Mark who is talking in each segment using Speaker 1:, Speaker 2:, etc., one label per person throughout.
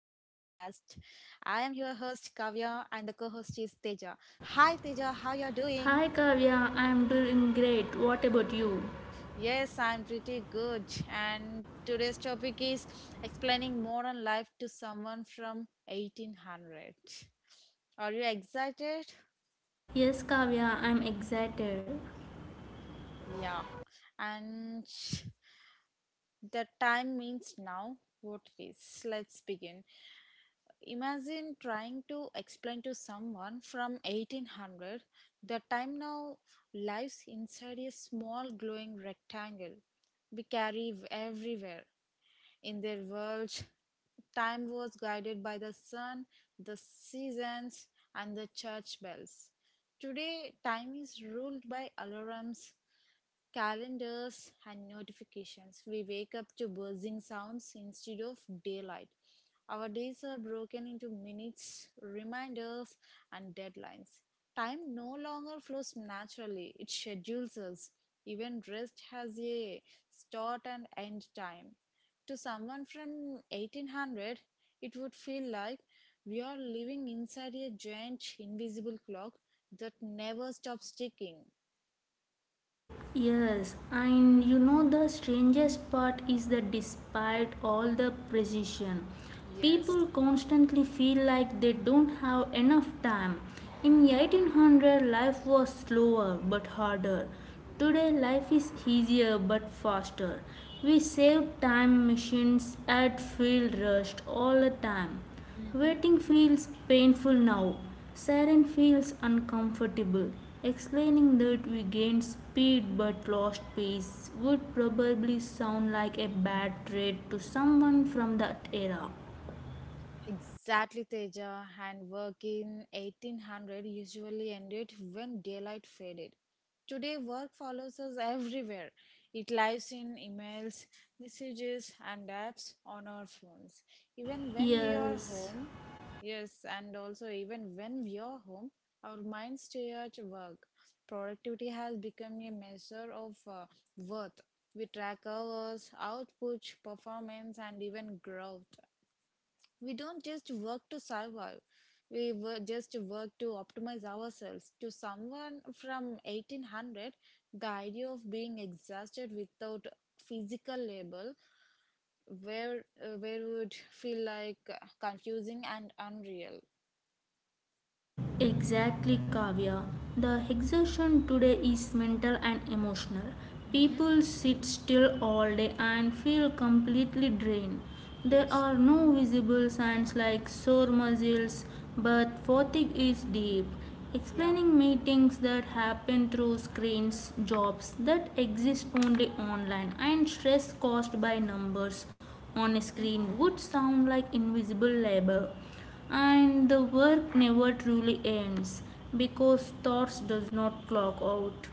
Speaker 1: your host Kavya and the co-host is Teja. Hi Teja, how you are doing?
Speaker 2: Hi Kavya, I'm doing great. What about you?
Speaker 1: Yes, I'm pretty good. And today's topic is explaining modern life to someone from 1800. Are you excited?
Speaker 2: Yes, Kavya, I'm excited.
Speaker 1: Yeah. And the time means now what it is. Let's begin. Imagine trying to explain to someone from 1800 the time now lives inside a small glowing rectangle we carry everywhere. In their world, time was guided by the sun, the seasons, and the church bells. Today, time is ruled by alarms, calendars, and notifications. We wake up to buzzing sounds instead of daylight. Our days are broken into minutes, reminders, and deadlines. Time no longer flows naturally, it schedules us. Even rest has a start and end time. To someone from 1800, it would feel like we are living inside a giant invisible clock that never stops ticking.
Speaker 2: Yes, and you know the strangest part is that despite all the precision,
Speaker 1: Yes.
Speaker 2: people constantly feel like they don't have enough time. In
Speaker 1: Mm-hmm.
Speaker 2: 1800, life was slower but harder. Today, life is easier but faster. We save time machines at field rushed all the time. Waiting feels painful now. Siren feels uncomfortable. Explaining that we gained speed but lost pace would probably sound like a bad trade to someone from that era.
Speaker 1: Exactly, Teja. And work in 1800 usually ended when daylight faded. Today, work follows us everywhere. It lives in emails, messages, and apps on our phones. Even when we are
Speaker 2: Yes,
Speaker 1: home, yes, and also even when we are home, our minds stay at work. Productivity has become a measure of worth. We track hours, output, performance, and even growth. We don't just work to survive. We just work to optimize ourselves. To someone from 1800, the idea of being exhausted without physical label where would feel like confusing and unreal.
Speaker 2: exactly, Kavya. The exertion today is mental and emotional.
Speaker 1: Mm-hmm.
Speaker 2: People sit still all day and feel completely drained. There
Speaker 1: Yes.
Speaker 2: are no visible signs like sore muscles, but fatigue is deep.
Speaker 1: Yeah.
Speaker 2: Explaining meetings that happen through screens, jobs that exist only online, and stress caused by numbers on a screen would sound like invisible labor, and the work never truly ends because thoughts does not clock out.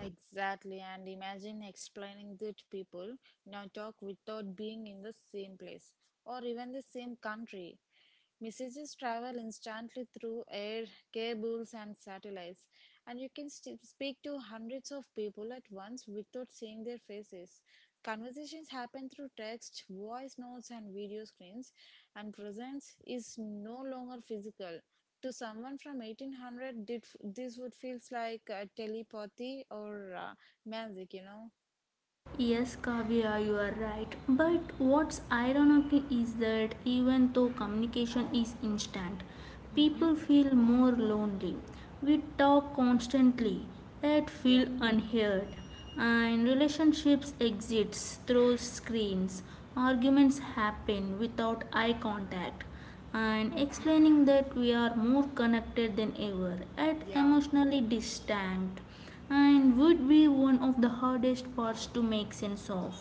Speaker 1: Exactly, and imagine explaining that people now talk without being in the same place or even the same country. Messages travel instantly through air, cables, and satellites, and you can speak to hundreds of people at once without seeing their faces. Conversations happen through text, voice notes, and video screens, and presence is no longer physical to someone from 1800 this would feels like telepathy or magic.
Speaker 2: Yes, Kavya, you are right. But what's ironic is that even though communication is instant,
Speaker 1: Mm-hmm.
Speaker 2: people feel more lonely. We talk constantly yet
Speaker 1: Yeah.
Speaker 2: feel unheard, and relationships exist through screens. Arguments happen without eye contact, and
Speaker 1: Mm-hmm.
Speaker 2: explaining that we are more connected than ever yet
Speaker 1: Yeah.
Speaker 2: emotionally distant and would be one of the hardest parts to make sense of.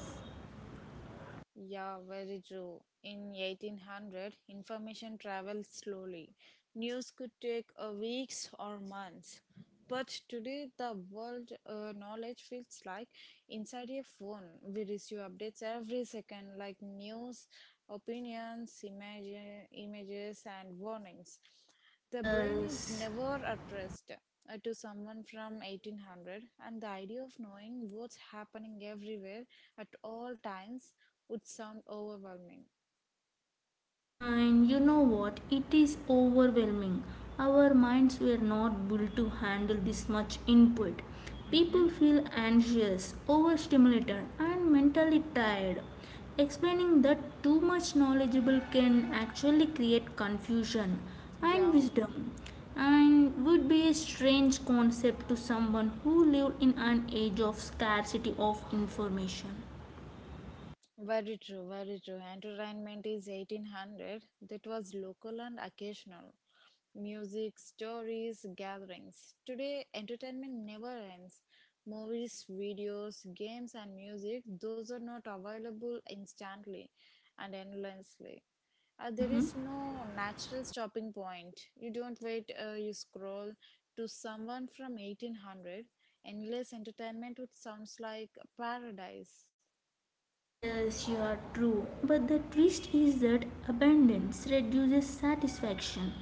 Speaker 1: Yeah, very true. In 1800, information traveled slowly. News could take a weeks or months. But today, the world knowledge feels like inside your phone. We receive updates every second, like news, opinions, images, and warnings. The brain is
Speaker 2: Yes.
Speaker 1: never at rest to someone from 1800, and the idea of knowing what's happening everywhere at all times would sound overwhelming.
Speaker 2: And you know what? It is overwhelming. Our minds were not built to handle this much input.
Speaker 1: Mm-hmm.
Speaker 2: People feel anxious, overstimulated, and mentally tired. Explaining that too much knowledgeable can actually create confusion and
Speaker 1: Yeah,
Speaker 2: wisdom and would be a strange concept to someone who lived in an age of scarcity of information.
Speaker 1: very true, very true. Entertainment is 1800. That was local and occasional. Music, stories, gatherings. Today, entertainment never ends. Movies, videos, games, and music, those are not available instantly and endlessly. There
Speaker 2: Mhm.
Speaker 1: is no natural stopping point. You don't wait, you scroll. To someone from 1800, endless entertainment would sounds like paradise.
Speaker 2: Yes, you are true. But the twist is that abundance reduces satisfaction.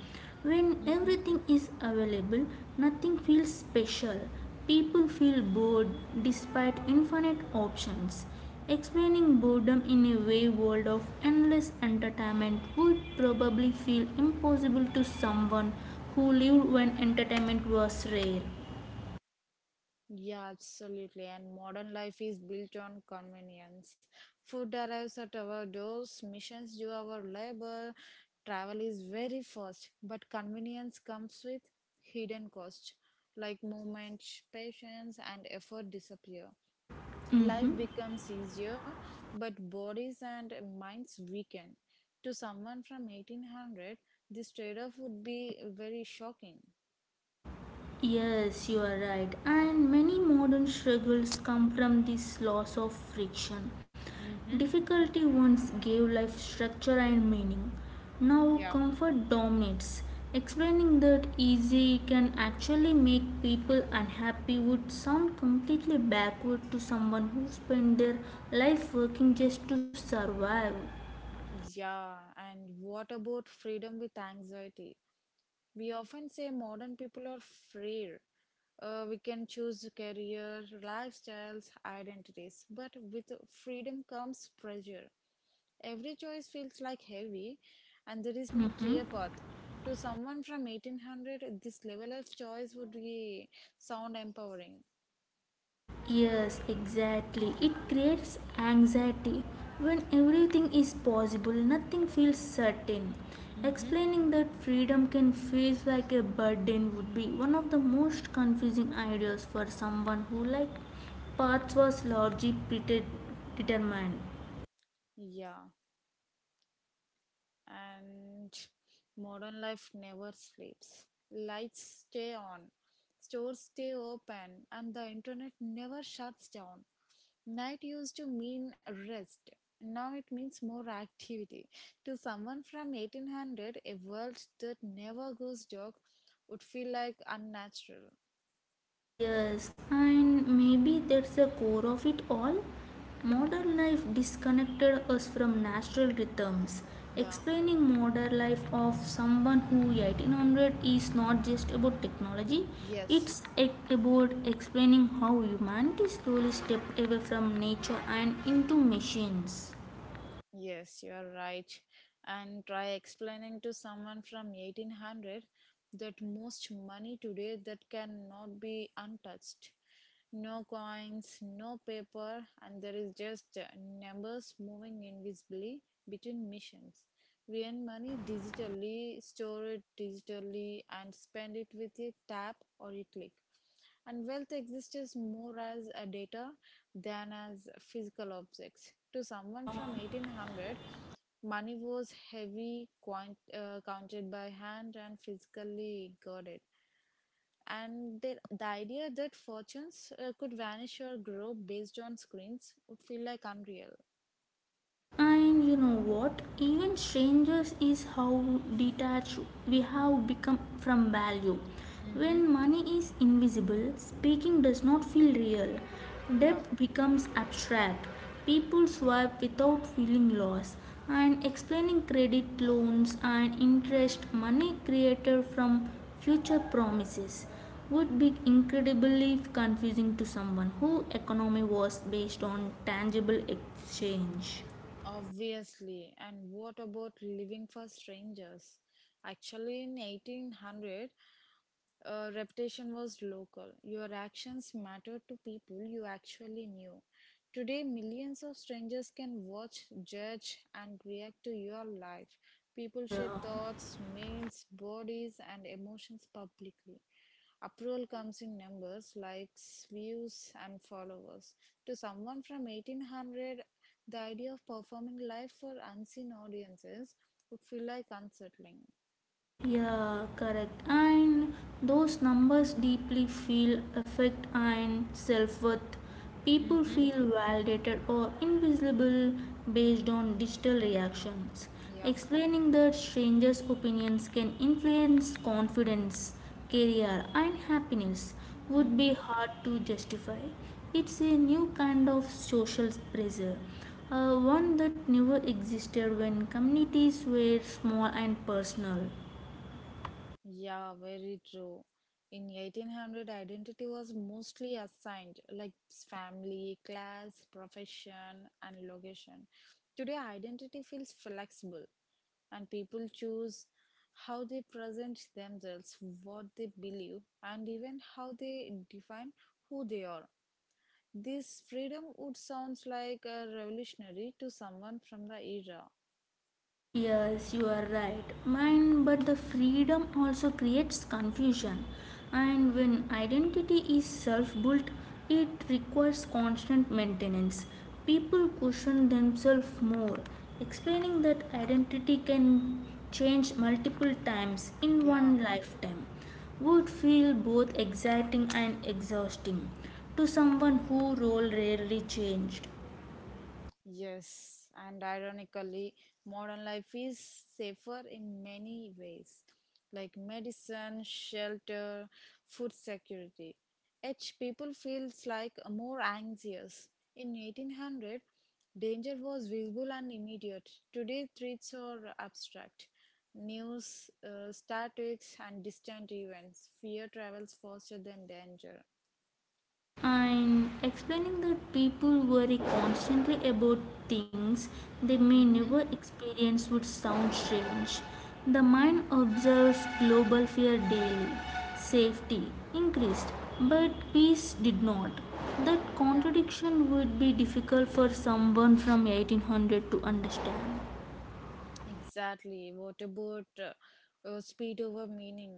Speaker 2: When
Speaker 1: Mm-hmm.
Speaker 2: everything is available, nothing feels special. People feel bored despite infinite options. Explaining boredom in a way world of endless entertainment would probably feel impossible to someone who lived when entertainment was rare.
Speaker 1: Yeah, absolutely. And modern life is built on convenience. Food arrives at our doors, missions do our labor, travel is very fast, but convenience comes with hidden cost, like moment, patience, and effort disappear. Life
Speaker 2: Mhm.
Speaker 1: becomes easier, but bodies and minds weaken. To someone from 1800, this trade off would be very shocking.
Speaker 2: Yes, you are right. And many modern struggles come from this loss of friction.
Speaker 1: Mm-hmm.
Speaker 2: Difficulty once gave life structure and meaning. Now
Speaker 1: Yeah.
Speaker 2: comfort dominates. Explaining that easy can actually make people unhappy would sound completely backward to someone who spent their life working just to survive.
Speaker 1: Yeah, and what about freedom with anxiety? We often say modern people are freer. We can choose career, lifestyles, identities, but with freedom comes pressure. Every choice feels like heavy, and there is no
Speaker 2: Mm-hmm.
Speaker 1: clear path. To someone from 1800, this level of choice would be sound empowering.
Speaker 2: Yes, exactly. It creates anxiety. When everything is possible, nothing feels certain.
Speaker 1: Mm-hmm.
Speaker 2: Explaining that freedom can feel like a burden would be one of the most confusing ideas for someone who, like, paths was largely predetermined.
Speaker 1: Yeah, and modern life never sleeps. Lights stay on, stores stay open, and the internet never shuts down. Night used to mean rest. Now it means more activity. To someone from 1800, a world that never goes dark would feel like unnatural.
Speaker 2: Yes, and maybe that's the core of it all. Modern life disconnected us from natural rhythms.
Speaker 1: Yeah.
Speaker 2: Explaining modern life of someone who 1800 is not just about technology,
Speaker 1: Yes.
Speaker 2: it's about explaining how humanity slowly stepped away from nature and into machines.
Speaker 1: Yes, you are right. And try explaining to someone from 1800 that most money today that cannot be untouched. No coins, no paper, and there is just numbers moving invisibly between missions. We earn money digitally, store it digitally, and spend it with a tap or a click and wealth exists more as a data than as physical objects. To someone
Speaker 2: Yeah.
Speaker 1: from 1800, money was heavy, coin, counted by hand, and physically guarded. And the idea that fortunes could vanish or grow based on screens would feel like unreal.
Speaker 2: And you know what? Even strangers is how detached we have become from value.
Speaker 1: Mm-hmm.
Speaker 2: When money is invisible, speaking does not feel real.
Speaker 1: Yeah,
Speaker 2: Debt becomes abstract. People
Speaker 1: yeah,
Speaker 2: swipe without feeling loss. And explaining credit loans and interest money created from future promises would be incredibly confusing to someone who economy was based on tangible exchange.
Speaker 1: obviously. And what about living for strangers? Actually, in 1800, reputation was local. Your actions mattered to people you actually knew. Today, millions of strangers can watch, judge, and react to your life. People share
Speaker 2: Yeah.
Speaker 1: thoughts, mails, bodies, and emotions publicly. Approval comes in numbers, likes, views, and followers. To someone from 1800, the idea of performing live for unseen audiences would feel like unsettling.
Speaker 2: Yeah, correct. And those numbers deeply feel affect and self worth. People
Speaker 1: Mm-hmm.
Speaker 2: feel validated or invisible based on digital reactions. Explaining that strangers' opinions can influence confidence, career, and happiness would
Speaker 1: Yeah.
Speaker 2: be hard to justify. It's a new kind of social pressure, one that never existed when communities were small and personal.
Speaker 1: Yeah, very true. In 1800, identity was mostly assigned, like family, class, profession, and location. Today, identity feels flexible, and people choose how they present themselves, what they believe, and even how they define who they are. This freedom would sound like a revolutionary to someone from the era.
Speaker 2: Yes, you are right. Mind, but the freedom also creates confusion. And when identity is self built, it requires constant maintenance. People question themselves more, explaining that identity can change multiple times in
Speaker 1: Yeah.
Speaker 2: one lifetime would feel both exciting and exhausting to someone whose role rarely changed.
Speaker 1: Yes, and ironically, modern life is safer in many ways, like medicine, shelter, food security. Each people feels like more anxious. In 1800, danger was visible and immediate. Today, threats are abstract. News, statics, and distant events. Fear travels faster than danger.
Speaker 2: And explaining that people worry constantly about things they may never
Speaker 1: Mm-hmm.
Speaker 2: experience would sound strange. The mind observes global fear daily, safety increased, but peace did not. That
Speaker 1: Yeah.
Speaker 2: contradiction would be difficult for someone from 1800 to understand.
Speaker 1: Exactly. What about speed over meaning?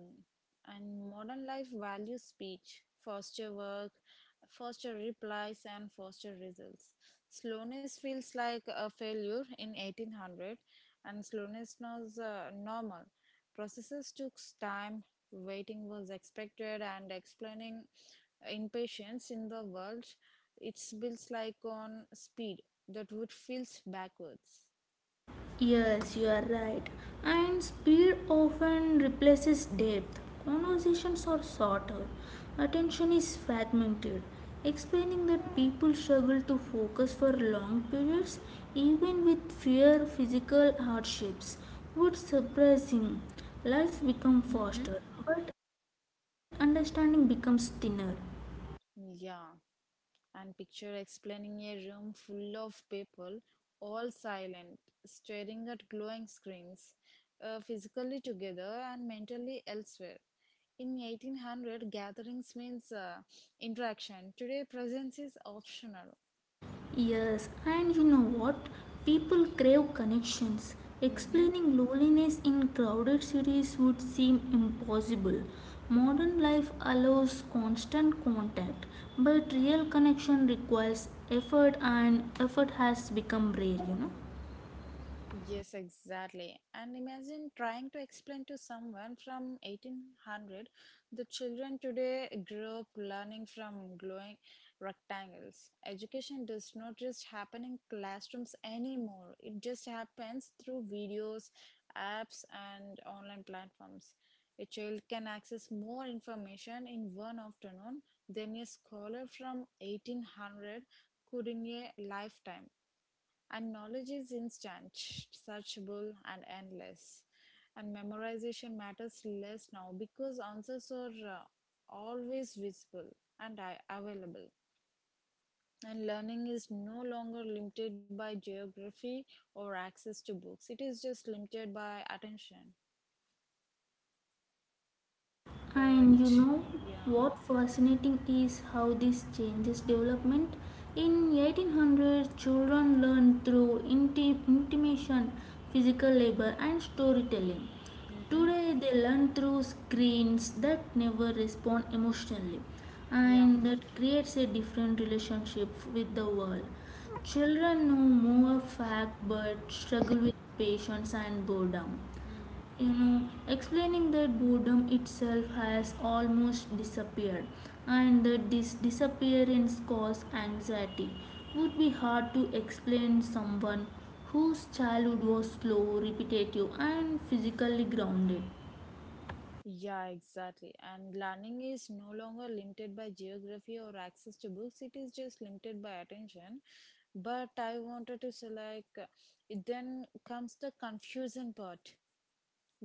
Speaker 1: And modern life values speech, faster work, faster replies, and faster results. Slowness feels like a failure in 1800, and slowness was normal. Processes took time, waiting was expected, and explaining impatience in the world, it's built like on speed that would feels backwards.
Speaker 2: Yes, you are right. And speed often replaces depth. Conversations are shorter. Attention is fragmented. Explaining that people struggle to focus for long periods, even with fear physical hardships, would surprise him. Life becomes
Speaker 1: Mm-hmm.
Speaker 2: faster, but understanding becomes thinner.
Speaker 1: Yeah. And picture explaining a room full of people, all silent, staring at glowing screens, physically together and mentally elsewhere. In 1800, gatherings means interaction. Today, presence is optional.
Speaker 2: Yes, and you know what? People crave connections.
Speaker 1: Mhm.
Speaker 2: Explaining loneliness in crowded cities would seem impossible. Modern life allows constant contact, but real connection requires effort, and effort has become rare.
Speaker 1: Yes, exactly. And imagine trying to explain to someone from 1800 the children today grow up learning from glowing rectangles. Education does not just happen in classrooms anymore. It just happens through videos, apps and online platforms. A child can access more information in one afternoon than a scholar from 1800 could in a lifetime. And knowledge is instant, searchable, and endless. And memorization matters less now because answers are always visible and available. And learning is no longer limited by geography or access to books, it is just limited by attention.
Speaker 2: And you
Speaker 1: But
Speaker 2: know
Speaker 1: yeah,
Speaker 2: what fascinating is how this changes development. In 1800, children learned through intimation, physical labor, and storytelling.
Speaker 1: mm-hmm,
Speaker 2: Today, they learn through screens that never respond emotionally,
Speaker 1: yeah.
Speaker 2: and that creates a different relationship with the world. Children know more fact but struggle with patience and boredom you know Explaining that boredom itself has almost disappeared and that this disappearance causes anxiety would be hard to explain someone whose childhood was slow, repetitive, and physically grounded.
Speaker 1: Yeah, exactly. And learning is no longer limited by geography or access to books, it is just limited by attention. But I wanted to say, like, then comes the confusion part.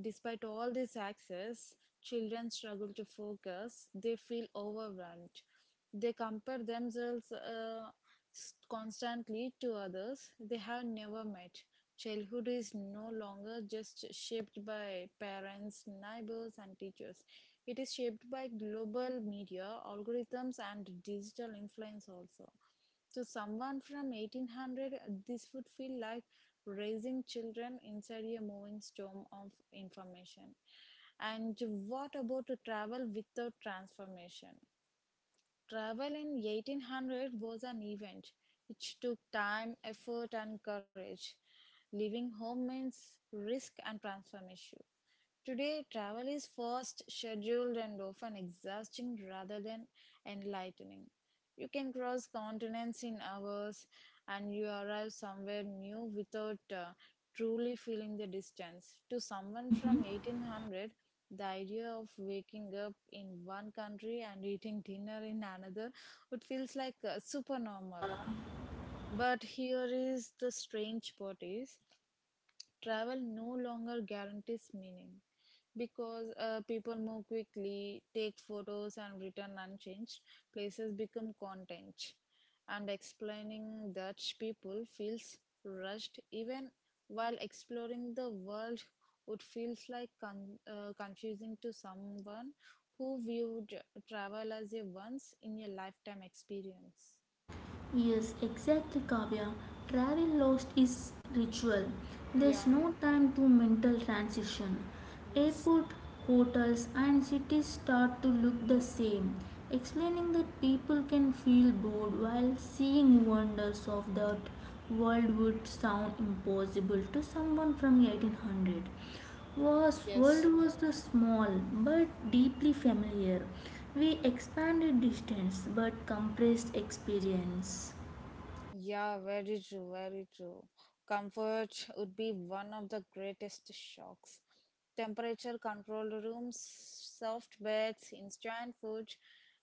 Speaker 1: Despite all this access, children struggle to focus. They feel overwhelmed. They compare themselves constantly to others they have never met. Childhood is no longer just shaped by parents, neighbors, and teachers. It is shaped by global media, algorithms, and digital influence also. To someone from 1800, this would feel like raising children inside a moving storm of information. And what about to travel without transformation? Travel in 1800 was an event. It took time, effort, and courage. Leaving home means risk and transformation. Today, travel is fast, scheduled, and often exhausting rather than enlightening. You can cross continents in hours and you arrive somewhere new without truly feeling the distance. To someone
Speaker 2: Hmm.
Speaker 1: from 1800, the idea of waking up in one country and eating dinner in another would feels like super normal. But here is the strange part is travel no longer guarantees meaning because people move quickly, take photos, and return unchanged. Places become content, and explaining that people feels rushed even while exploring the world would feels like confusing to someone who viewed travel as a once in a lifetime experience.
Speaker 2: Yes, exactly, Kavya. Travel lost is ritual. There's
Speaker 1: Yeah.
Speaker 2: no time to mental transition.
Speaker 1: Yes.
Speaker 2: Airport, hotels, and cities start to look the same. Explaining that people can feel bored while seeing wonders of that world would sound impossible to someone from the 1800. Was world
Speaker 1: Yes.
Speaker 2: was the small but deeply familiar. We expanded distance but compressed experience.
Speaker 1: Yeah, very true, very true. Comfort would be one of the greatest shocks. Temperature controlled rooms, soft beds, instant food,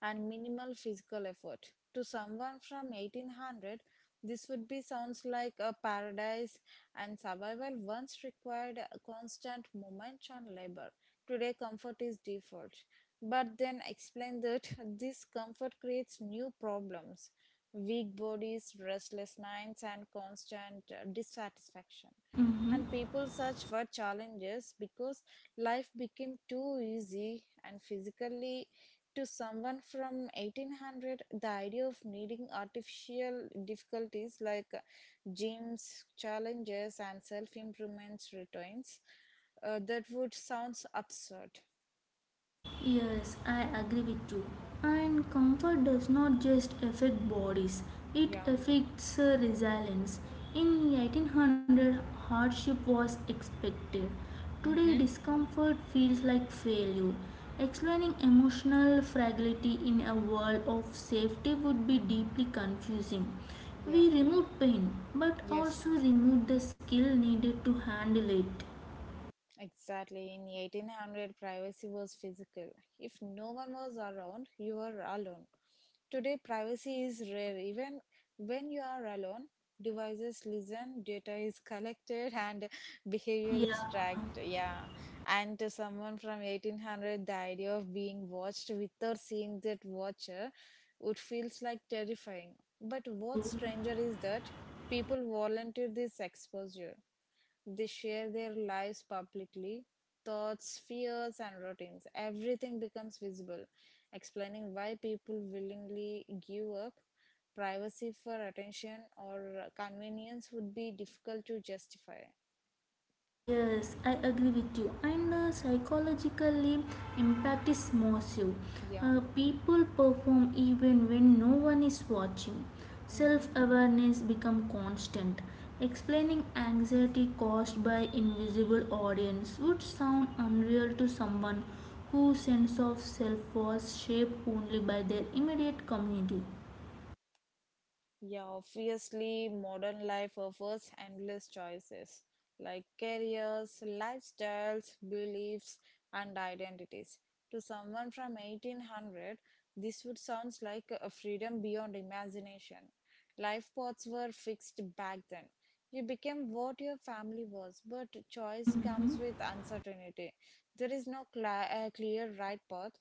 Speaker 1: and minimal physical effort. To someone from 1800, this would be sounds like a paradise, and survival once required a constant movement and labor. Today, comfort is default. But then explain that this comfort creates new problems weak bodies, restless minds, and constant dissatisfaction.
Speaker 2: Mm-hmm.
Speaker 1: And people search for challenges because life became too easy. And physically, to someone from 1800, the idea of needing artificial difficulties like gyms, challenges, and self improvements returns that would sounds absurd.
Speaker 2: Yes, I agree with you. And comfort does not just affect bodies, it
Speaker 1: Yeah,
Speaker 2: affects resilience. In 1800, hardship was expected. Today,
Speaker 1: mm-hmm,
Speaker 2: discomfort feels like failure. Explaining emotional fragility in a world of safety would be deeply confusing.
Speaker 1: yeah,
Speaker 2: We remove pain, but
Speaker 1: yes.
Speaker 2: also remove the skill needed to handle it.
Speaker 1: Exactly. In 1800, privacy was physical. If no one was around, you were alone. Today, privacy is rare. Even when you are alone, devices listen, data is collected, and behavior
Speaker 2: Yeah,
Speaker 1: is tracked. Yeah. And to someone from 1800, the idea of being watched without seeing that watcher would feels like terrifying. But
Speaker 2: true.
Speaker 1: what's stranger is that people volunteer this exposure. They share their lives publicly, thoughts, fears, and routines. Everything becomes visible, explaining why people willingly give up. Privacy for attention or convenience would be difficult to justify.
Speaker 2: Yes, I agree with you. And psychologically, impact is massive.
Speaker 1: Yeah.
Speaker 2: People perform even when no one is watching.
Speaker 1: Hmm.
Speaker 2: Self awareness become constant. Explaining anxiety caused by invisible audience would sound unreal to someone whose sense of self was shaped only by their immediate community.
Speaker 1: Yeah, obviously, modern life offers endless choices like careers, lifestyles, beliefs, and identities. To someone from 1800, this would sound like a freedom beyond imagination. Life paths were fixed back then. You became what your family was, but choice comes
Speaker 2: Mhm.
Speaker 1: with uncertainty. There is no cla clear right path,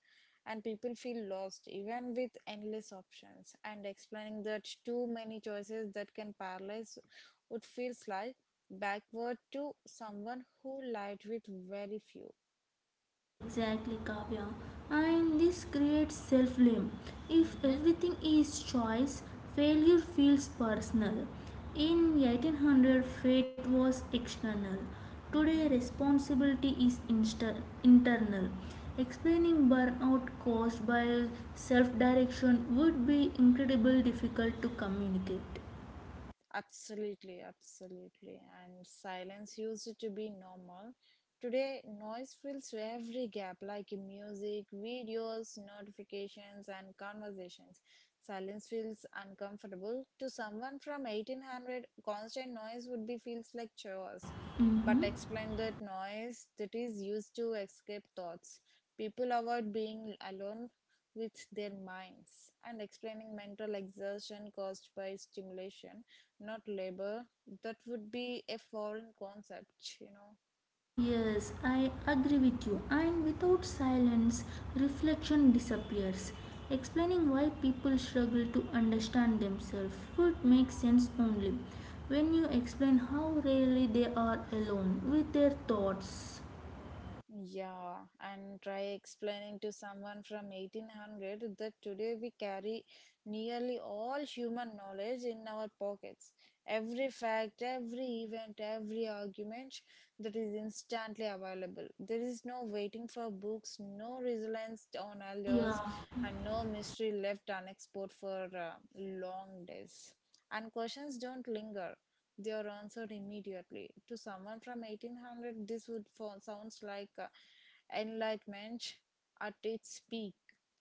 Speaker 1: and people feel lost even with endless options. And explaining that too many choices that can paralyze would feel like backward to someone who lived with very few.
Speaker 2: Exactly, Kavya. And this creates self blame. If everything is choice, failure feels personal. In 1800, fate was external. Today, responsibility is internal. Explaining burnout caused by self direction would be incredibly difficult to communicate.
Speaker 1: Absolutely, absolutely. And silence used to be normal. Today, noise fills every gap like in music, videos, notifications, and conversations. Silence feels uncomfortable. To someone from 1800, constant noise would be feels like chores. But
Speaker 2: Mm-hmm.
Speaker 1: explain that noise that is used to escape thoughts. People avoid being alone with their minds and explaining mental exertion caused by stimulation not labor. That would be a foreign concept.
Speaker 2: Yes, I agree with you. And without silence, reflection disappears. Explaining why people struggle to understand themselves would make sense only when you explain how rarely they are alone with their thoughts.
Speaker 1: Yeah, and try explaining to someone from 1800 that today we carry nearly all human knowledge in our pockets. Every fact, every event, every argument that is instantly available. There is no waiting for books, no reliance on
Speaker 2: Yeah.
Speaker 1: elders, and no mystery left unexplored for long days. And questions don't linger. They are answered immediately. To someone from 1800, this would sounds like enlightenment at its peak.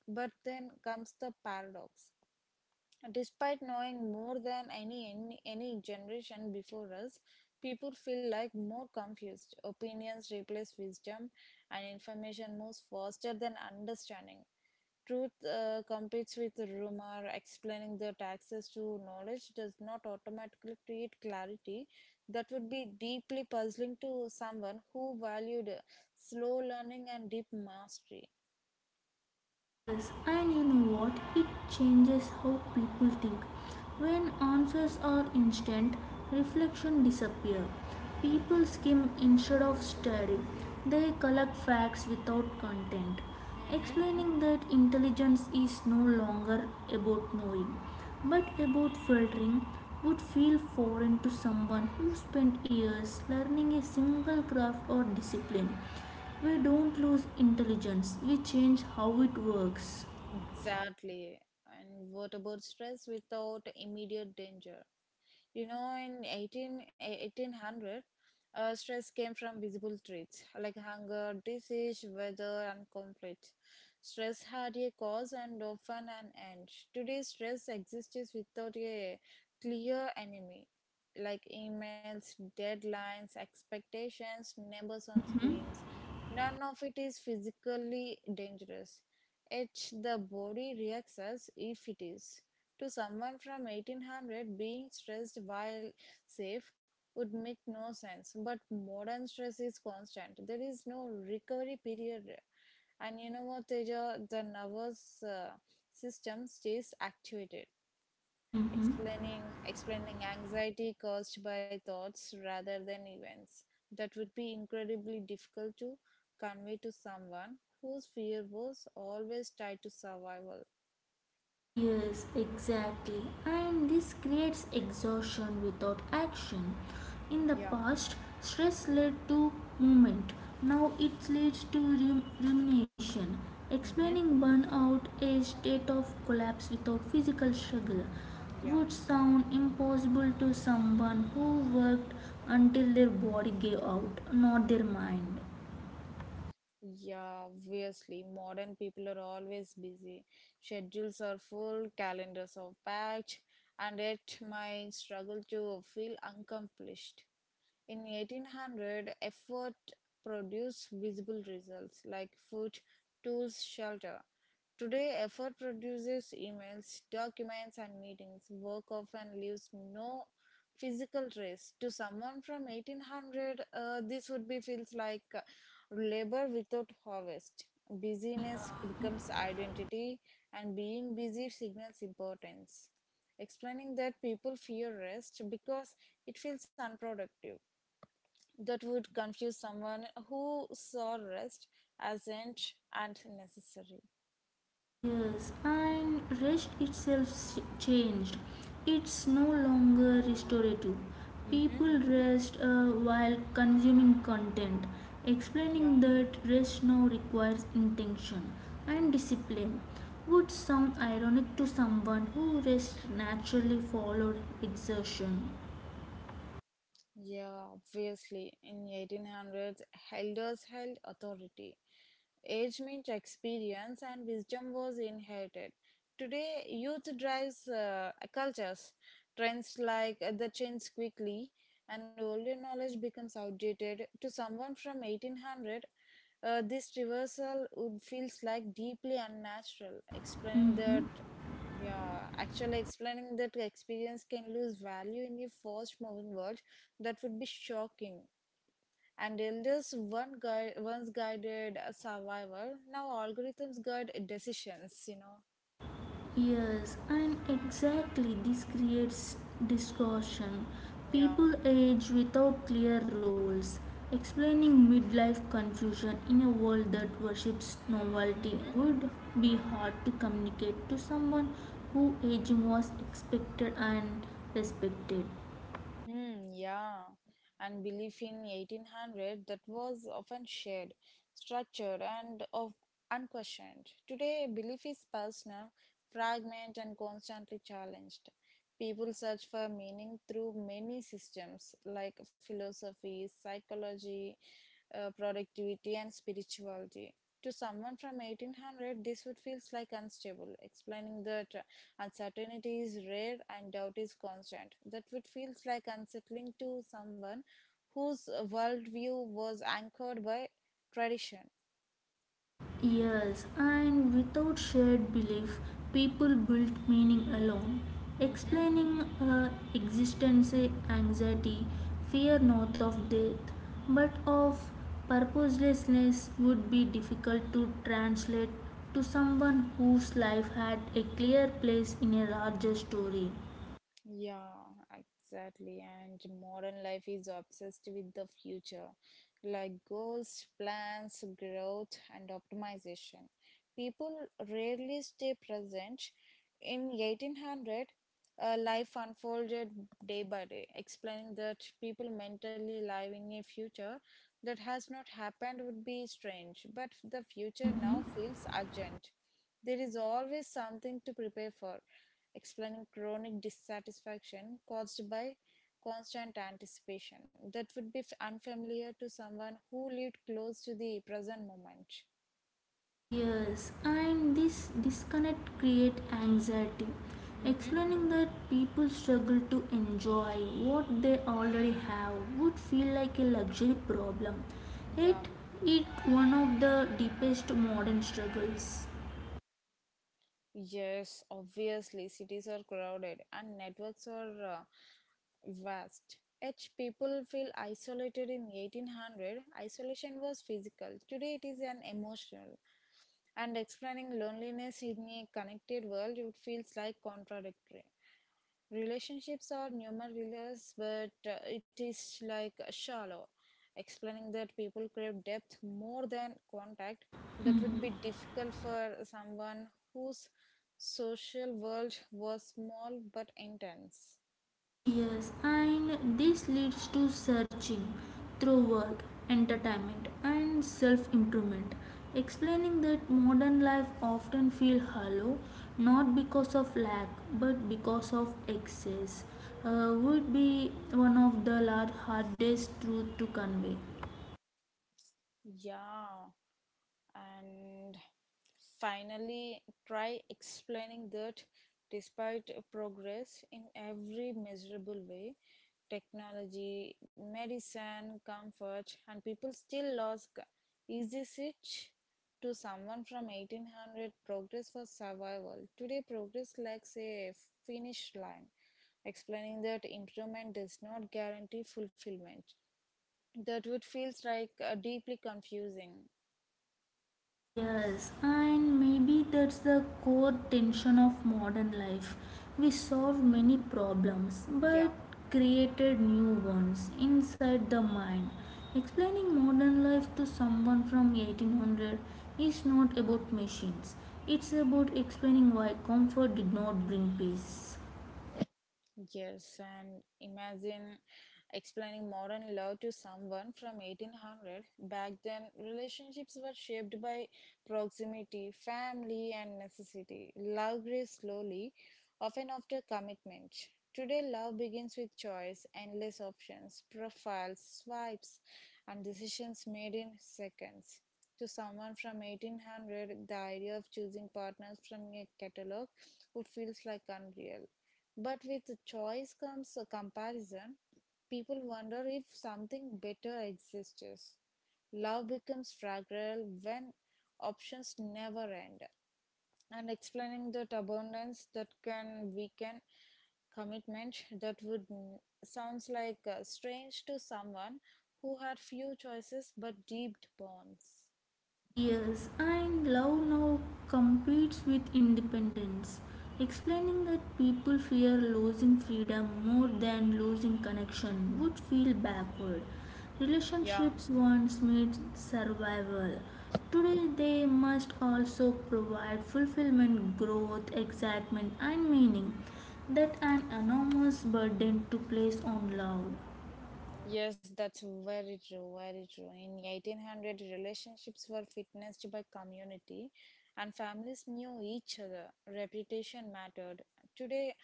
Speaker 1: But then comes the paradox. Despite knowing more than any generation before us, people feel like more confused. Opinions replace wisdom, and information moves faster than understanding. Truth competes with rumor. Explaining the taxes to knowledge does not automatically create clarity. That would be deeply puzzling to someone who valued slow learning and deep mastery.
Speaker 2: Yes, and you know what? It changes how people think. When answers are instant, reflection disappears. People skim instead of study. They collect facts without content,
Speaker 1: Mm-hmm.
Speaker 2: explaining that intelligence is no longer about knowing, but about filtering would feel foreign to someone who spent years learning a single craft or discipline. We don't lose intelligence, we change how it works.
Speaker 1: Exactly. And what about stress without immediate danger? You know, in 1800, stress came from visible traits like hunger, disease, weather, and conflict. Stress had a cause and often an end. Today, stress exists without a clear enemy, like emails, deadlines, expectations, numbers on
Speaker 2: Mm-hmm.
Speaker 1: screens. None of it is physically dangerous. Yet the body reacts as if it is. To someone from 1800, being stressed while safe would make no sense. But modern stress is constant. There is no recovery period. And you know what, Teja? The nervous system stays activated,
Speaker 2: Mm-hmm.
Speaker 1: explaining anxiety caused by thoughts rather than events. That would be incredibly difficult to convey to someone whose fear was always tied to survival.
Speaker 2: Yes, exactly. And this creates exhaustion without action. In the
Speaker 1: Yeah.
Speaker 2: past, stress led to movement. Now it leads to rumination.
Speaker 1: Mm-hmm.
Speaker 2: Explaining burnout, a state of collapse without physical struggle,
Speaker 1: Yeah.
Speaker 2: would sound impossible to someone who worked until their body gave out, not their mind.
Speaker 1: Yeah, obviously, modern people are always busy. Schedules are full, calendars are packed, and yet my struggle to feel accomplished. In 1800, effort produced visible results like food, tools, shelter. Today, effort produces emails, documents, and meetings. Work often leaves no physical trace. To someone from 1800, this would be feels like labor without harvest. Busyness becomes identity, and being busy signals importance. Explaining that people fear rest because it feels unproductive. That would confuse someone who saw rest as ant and necessary.
Speaker 2: Yes, and rest itself changed. It's no longer restorative.
Speaker 1: Mm-hmm.
Speaker 2: People rest while consuming content,
Speaker 1: Yeah.
Speaker 2: explaining that rest now requires intention and discipline. Would sound ironic to someone who rests naturally followed exertion.
Speaker 1: Yeah, obviously. In 1800s, elders held authority. Age meant experience and wisdom was inherited. Today, youth drives cultures. Trends like the change quickly and older knowledge becomes outdated. To someone from 1800, this reversal would feels like deeply unnatural, explaining that
Speaker 2: Mm-hmm.
Speaker 1: yeah, actually explaining that experience can lose value in your first moving world, that would be shocking. And elders one guide once guided a survivor, now algorithms guide decisions.
Speaker 2: Yes, and exactly this creates distortion.
Speaker 1: Yeah.
Speaker 2: People age without clear rules, explaining midlife confusion in a world that worships novelty
Speaker 1: Mhm.
Speaker 2: would be hard to communicate to someone who aging was expected and respected.
Speaker 1: Hmm, yeah, and belief in 1800 that was often shared, structured, and of unquestioned. Today, belief is personal, fragmented, and constantly challenged. People search for meaning through many systems like philosophy, psychology, productivity, and spirituality. To someone from 1800, this would feel like unstable, explaining that uncertainty is rare and doubt is constant. That would feel like unsettling to someone whose worldview was anchored by tradition.
Speaker 2: Yes, and without shared belief, people built meaning alone.
Speaker 1: Mm-hmm.
Speaker 2: Explaining existence, anxiety, fear not of death, but of purposelessness would be difficult to translate to someone whose life had a clear place in a larger story.
Speaker 1: Yeah, exactly. And modern life is obsessed with the future, like goals, plans, growth, and optimization. People rarely stay present. In 1800, life unfolded day by day, explaining that people mentally live in a future that has not happened would be strange, but the future
Speaker 2: Mhm.
Speaker 1: now feels urgent. There is always something to prepare for, explaining chronic dissatisfaction caused by constant anticipation that would be unfamiliar to someone who lived close to the present moment.
Speaker 2: Yes, and this disconnect create anxiety.
Speaker 1: Mm-hmm.
Speaker 2: Explaining that people struggle to enjoy what they already have would feel like a luxury problem. Yet,
Speaker 1: Yeah.
Speaker 2: it one of the deepest modern struggles.
Speaker 1: Yes, obviously, cities are crowded and networks are vast. Each people feel isolated in 1800. Isolation was physical. Today it is an emotional. And explaining loneliness in a connected world, it feels like contradictory. Relationships are numerous, but it is like shallow, explaining that people crave depth more than contact. That would be difficult for someone whose social world was small but intense.
Speaker 2: Yes, and this leads to searching through work, entertainment, and self improvement, explaining that modern life often feels hollow not because of lack but because of excess. Would be one of the large hardest truth to convey.
Speaker 1: Yeah, and finally, try explaining that despite progress in every measurable way, technology, medicine, comfort, and people still lost easy switch to someone from 1800. Progress for survival. Today, progress lacks a finish line, explaining that improvement does not guarantee fulfillment. That would feels like deeply confusing.
Speaker 2: Yes, and maybe that's the core tension of modern life. We solve
Speaker 1: Mhm.
Speaker 2: many problems but
Speaker 1: Yeah.
Speaker 2: created new ones inside the mind. Explaining modern life to someone from 1800 is not about machines. It's about explaining why comfort did not bring peace.
Speaker 1: Yes, and imagine explaining modern love to someone from 1800. Back then, relationships were shaped by proximity, family, and necessity. Love grew slowly, often after commitment. Today, love begins with choice, endless options, profiles, swipes, and decisions made in seconds. To someone from 1800, the idea of choosing partners from a catalog would feels like unreal. But with choice comes a comparison. People wonder if something better exists. Love becomes fragile when options never end. And explaining that abundance that can weaken commitment that would sounds like strange to someone who had few choices but deep bonds.
Speaker 2: Yes, and love now competes with independence, explaining that people fear losing freedom more than losing connection would feel backward.
Speaker 1: Yeah.
Speaker 2: Relationships once meant survival. Today they must also provide fulfillment, growth, excitement, and meaning that an enormous burden to place on love.
Speaker 1: Yes, that's very true, very true. In 1800, relationships were witnessed by community and families knew each other. Reputation mattered. Today,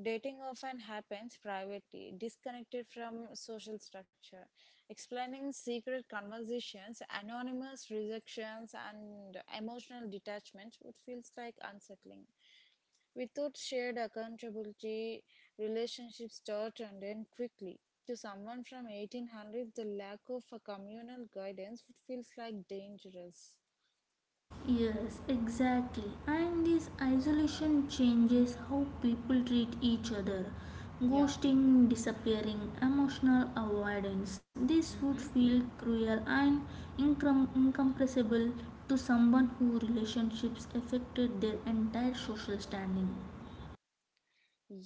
Speaker 1: dating often happens privately, disconnected from social structure. Explaining secret conversations, anonymous rejections, and emotional detachment would feels like unsettling. Without shared accountability, relationships start and end quickly. To someone from 1800, the lack of a communal guidance would feels like dangerous.
Speaker 2: Yes, exactly. And this isolation changes how people treat each other.
Speaker 1: Yeah.
Speaker 2: Ghosting, disappearing, emotional avoidance. This would
Speaker 1: Mhm.
Speaker 2: feel cruel and incompressible to someone whose relationships affected their entire social standing.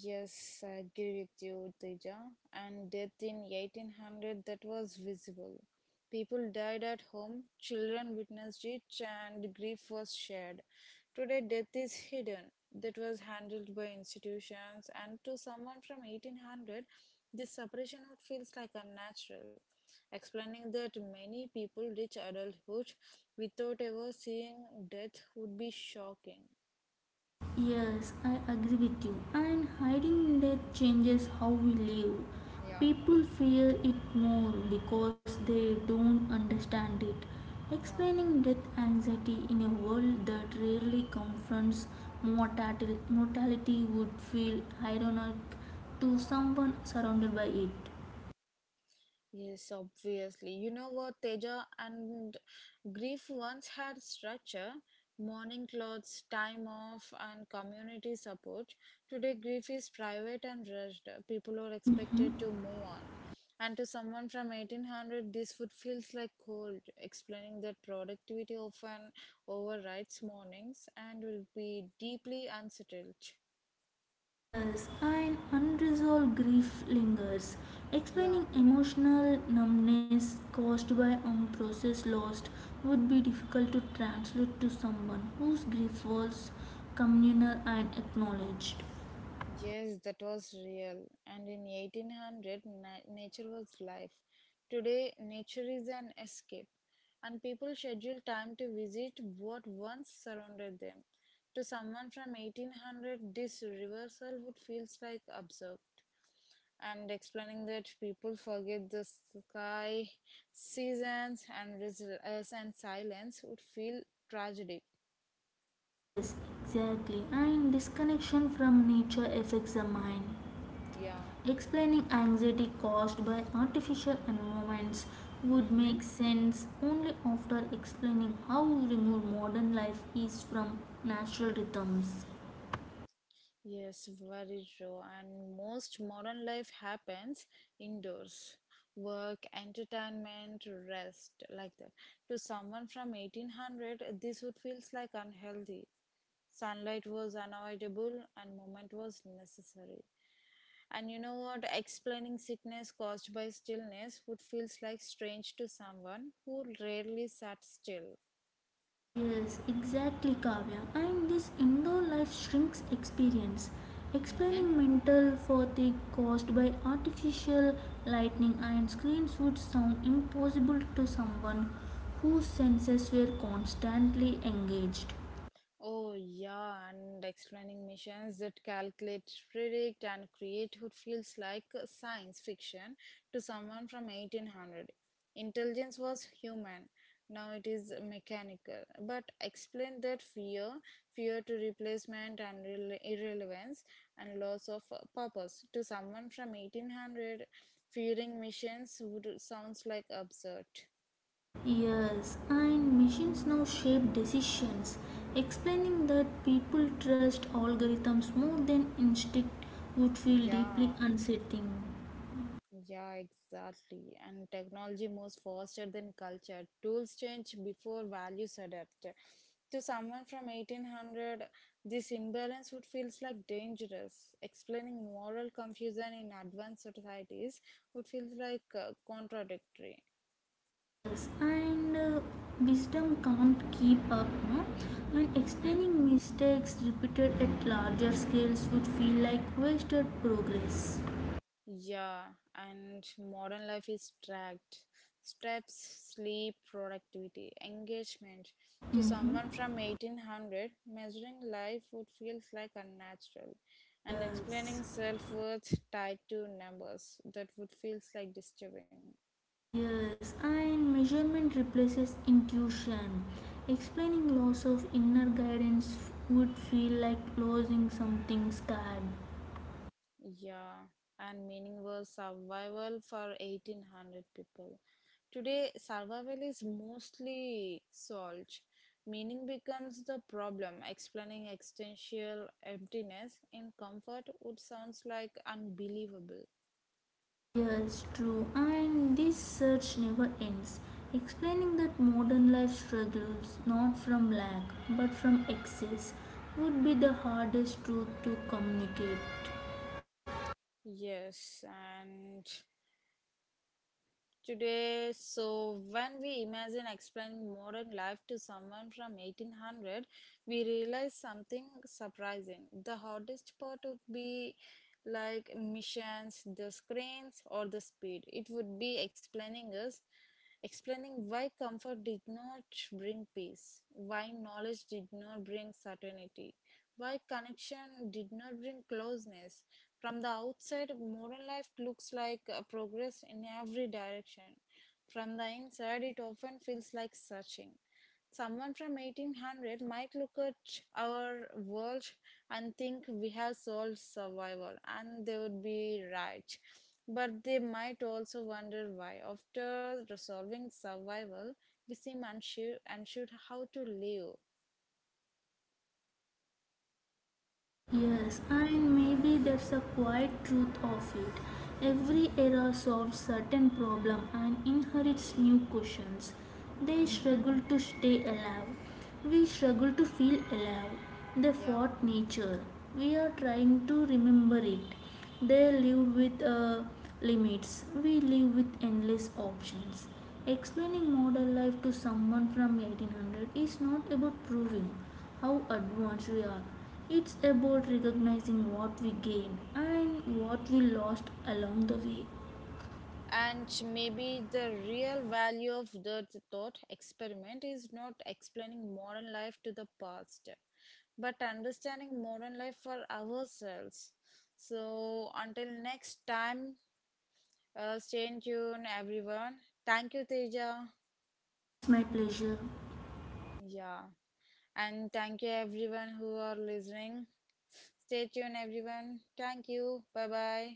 Speaker 1: Yes, I agree with you, Teja. And death in 1800 that was visible. People died at home, children witnessed it, and grief was shared. Today, death is hidden. That was handled by institutions, and to someone from 1800, this separation would feels like unnatural. Explaining that many people reach adulthood without ever seeing death would be shocking.
Speaker 2: Yes, I agree with you. And hiding death changes how we live.
Speaker 1: Yeah,
Speaker 2: People fear it more because they don't understand it.
Speaker 1: yeah.
Speaker 2: Explaining death anxiety in a world that rarely confronts mortality would feel ironic to someone surrounded by it.
Speaker 1: Yes, obviously. You know what, Teja? And grief once had structure, morning clothes, time off, and community support. Today, grief is private and rushed. People are
Speaker 2: Mhm.
Speaker 1: expected to move on. And to someone from 1800, this would feels like cold, explaining that productivity often overrides mornings and will be deeply unsettled.
Speaker 2: Yes, and unresolved grief lingers,
Speaker 1: Yeah.
Speaker 2: explaining emotional numbness caused by unprocessed loss would be difficult to translate to someone whose grief was communal and acknowledged.
Speaker 1: Yes, that was real. And in 1800, nature was life. Today, nature is an escape, and people schedule time to visit what once surrounded them. To someone from 1800, this reversal would feels like absurd, and explaining that people forget the sky, seasons, and resilience and silence would feel tragic.
Speaker 2: Yes, exactly, and disconnection from nature affects the mind.
Speaker 1: Yeah.
Speaker 2: Explaining anxiety caused by artificial environments would
Speaker 1: Mm-hmm.
Speaker 2: make sense only after explaining how removed modern life is from natural rhythms.
Speaker 1: Yes, very true. And most modern life happens indoors. Work, entertainment, rest, like that. To someone from 1800, this would feels like unhealthy. Sunlight was unavoidable and movement was necessary. And you know what? Explaining sickness caused by stillness would feels like strange to someone who rarely sat still.
Speaker 2: Yes, exactly, Kavya. And this indoor life shrinks experience. Explaining mental fatigue caused by artificial lighting and screens would sound impossible to someone whose senses were constantly engaged.
Speaker 1: Oh, yeah, and explaining missions that calculate, predict, and create who feels like science fiction to someone from 1800. Intelligence was human, now it is mechanical. But explain that fear to replacement and irrelevance and loss of purpose to someone from 1800, fearing missions would sounds like absurd.
Speaker 2: Yes, and machines now shape decisions, explaining that people trust algorithms more than instinct would feel
Speaker 1: Yeah.
Speaker 2: deeply unsettling.
Speaker 1: Yeah, exactly. And technology moves faster than culture. Tools change before values adapt. To someone from 1800, this imbalance would feels like dangerous. Explaining moral confusion in advanced societies would feel like contradictory.
Speaker 2: Yes, and wisdom can't keep up, no? And
Speaker 1: Mhm.
Speaker 2: explaining mistakes repeated at larger scales would feel like wasted progress.
Speaker 1: Yeah, and modern life is tracked. Steps, sleep, productivity, engagement. To
Speaker 2: Mm-hmm.
Speaker 1: someone from 1800, measuring life would feel like unnatural, and explaining
Speaker 2: Yes.
Speaker 1: self worth tied to numbers that would feels like disturbing.
Speaker 2: Yes, and measurement replaces intuition. Explaining loss of inner guidance would feel like losing something scared.
Speaker 1: Yeah, and meaning was survival for 1800 people. Today, survival is mostly solved. Meaning becomes the problem. Explaining existential emptiness in comfort would sounds like unbelievable.
Speaker 2: Yes, true, and this search never ends. Explaining that modern life struggles not from lack but from excess would be the hardest truth to communicate.
Speaker 1: Yes, and today, so when we imagine explaining modern life to someone from 1800, we realize something surprising. The hardest part would be like missions, the screens, or the speed. It would be explaining us, explaining why comfort did not bring peace, why knowledge did not bring certainty, why connection did not bring closeness. From the outside, modern life looks like progress in every direction. From the inside, it often feels like searching. Someone from 1800 might look at our world and think we have solved survival, and they would be right. But they might also wonder why, after resolving survival, we seem unsure, unsure how to live.
Speaker 2: Yes,
Speaker 1: And
Speaker 2: and maybe that's
Speaker 1: yeah,
Speaker 2: a quiet truth of it. Every era solves certain problem and inherits new questions. They
Speaker 1: hmm,
Speaker 2: struggle to stay alive. We struggle to feel alive. They
Speaker 1: yeah.
Speaker 2: fought nature. We are trying to remember it. They lived with limits. We live with endless options. Explaining modern life to someone from 1800 is not about proving how advanced we are. It's about recognizing what we gained and what we lost along the way.
Speaker 1: And maybe the real value of the thought experiment is not explaining modern life to the past, but understanding modern life for ourselves. So, until next time, stay in tune, everyone. Thank you, Teja.
Speaker 2: It's my pleasure.
Speaker 1: Yeah. And thank you, everyone who are listening. Stay tuned, everyone. Thank you. Bye bye.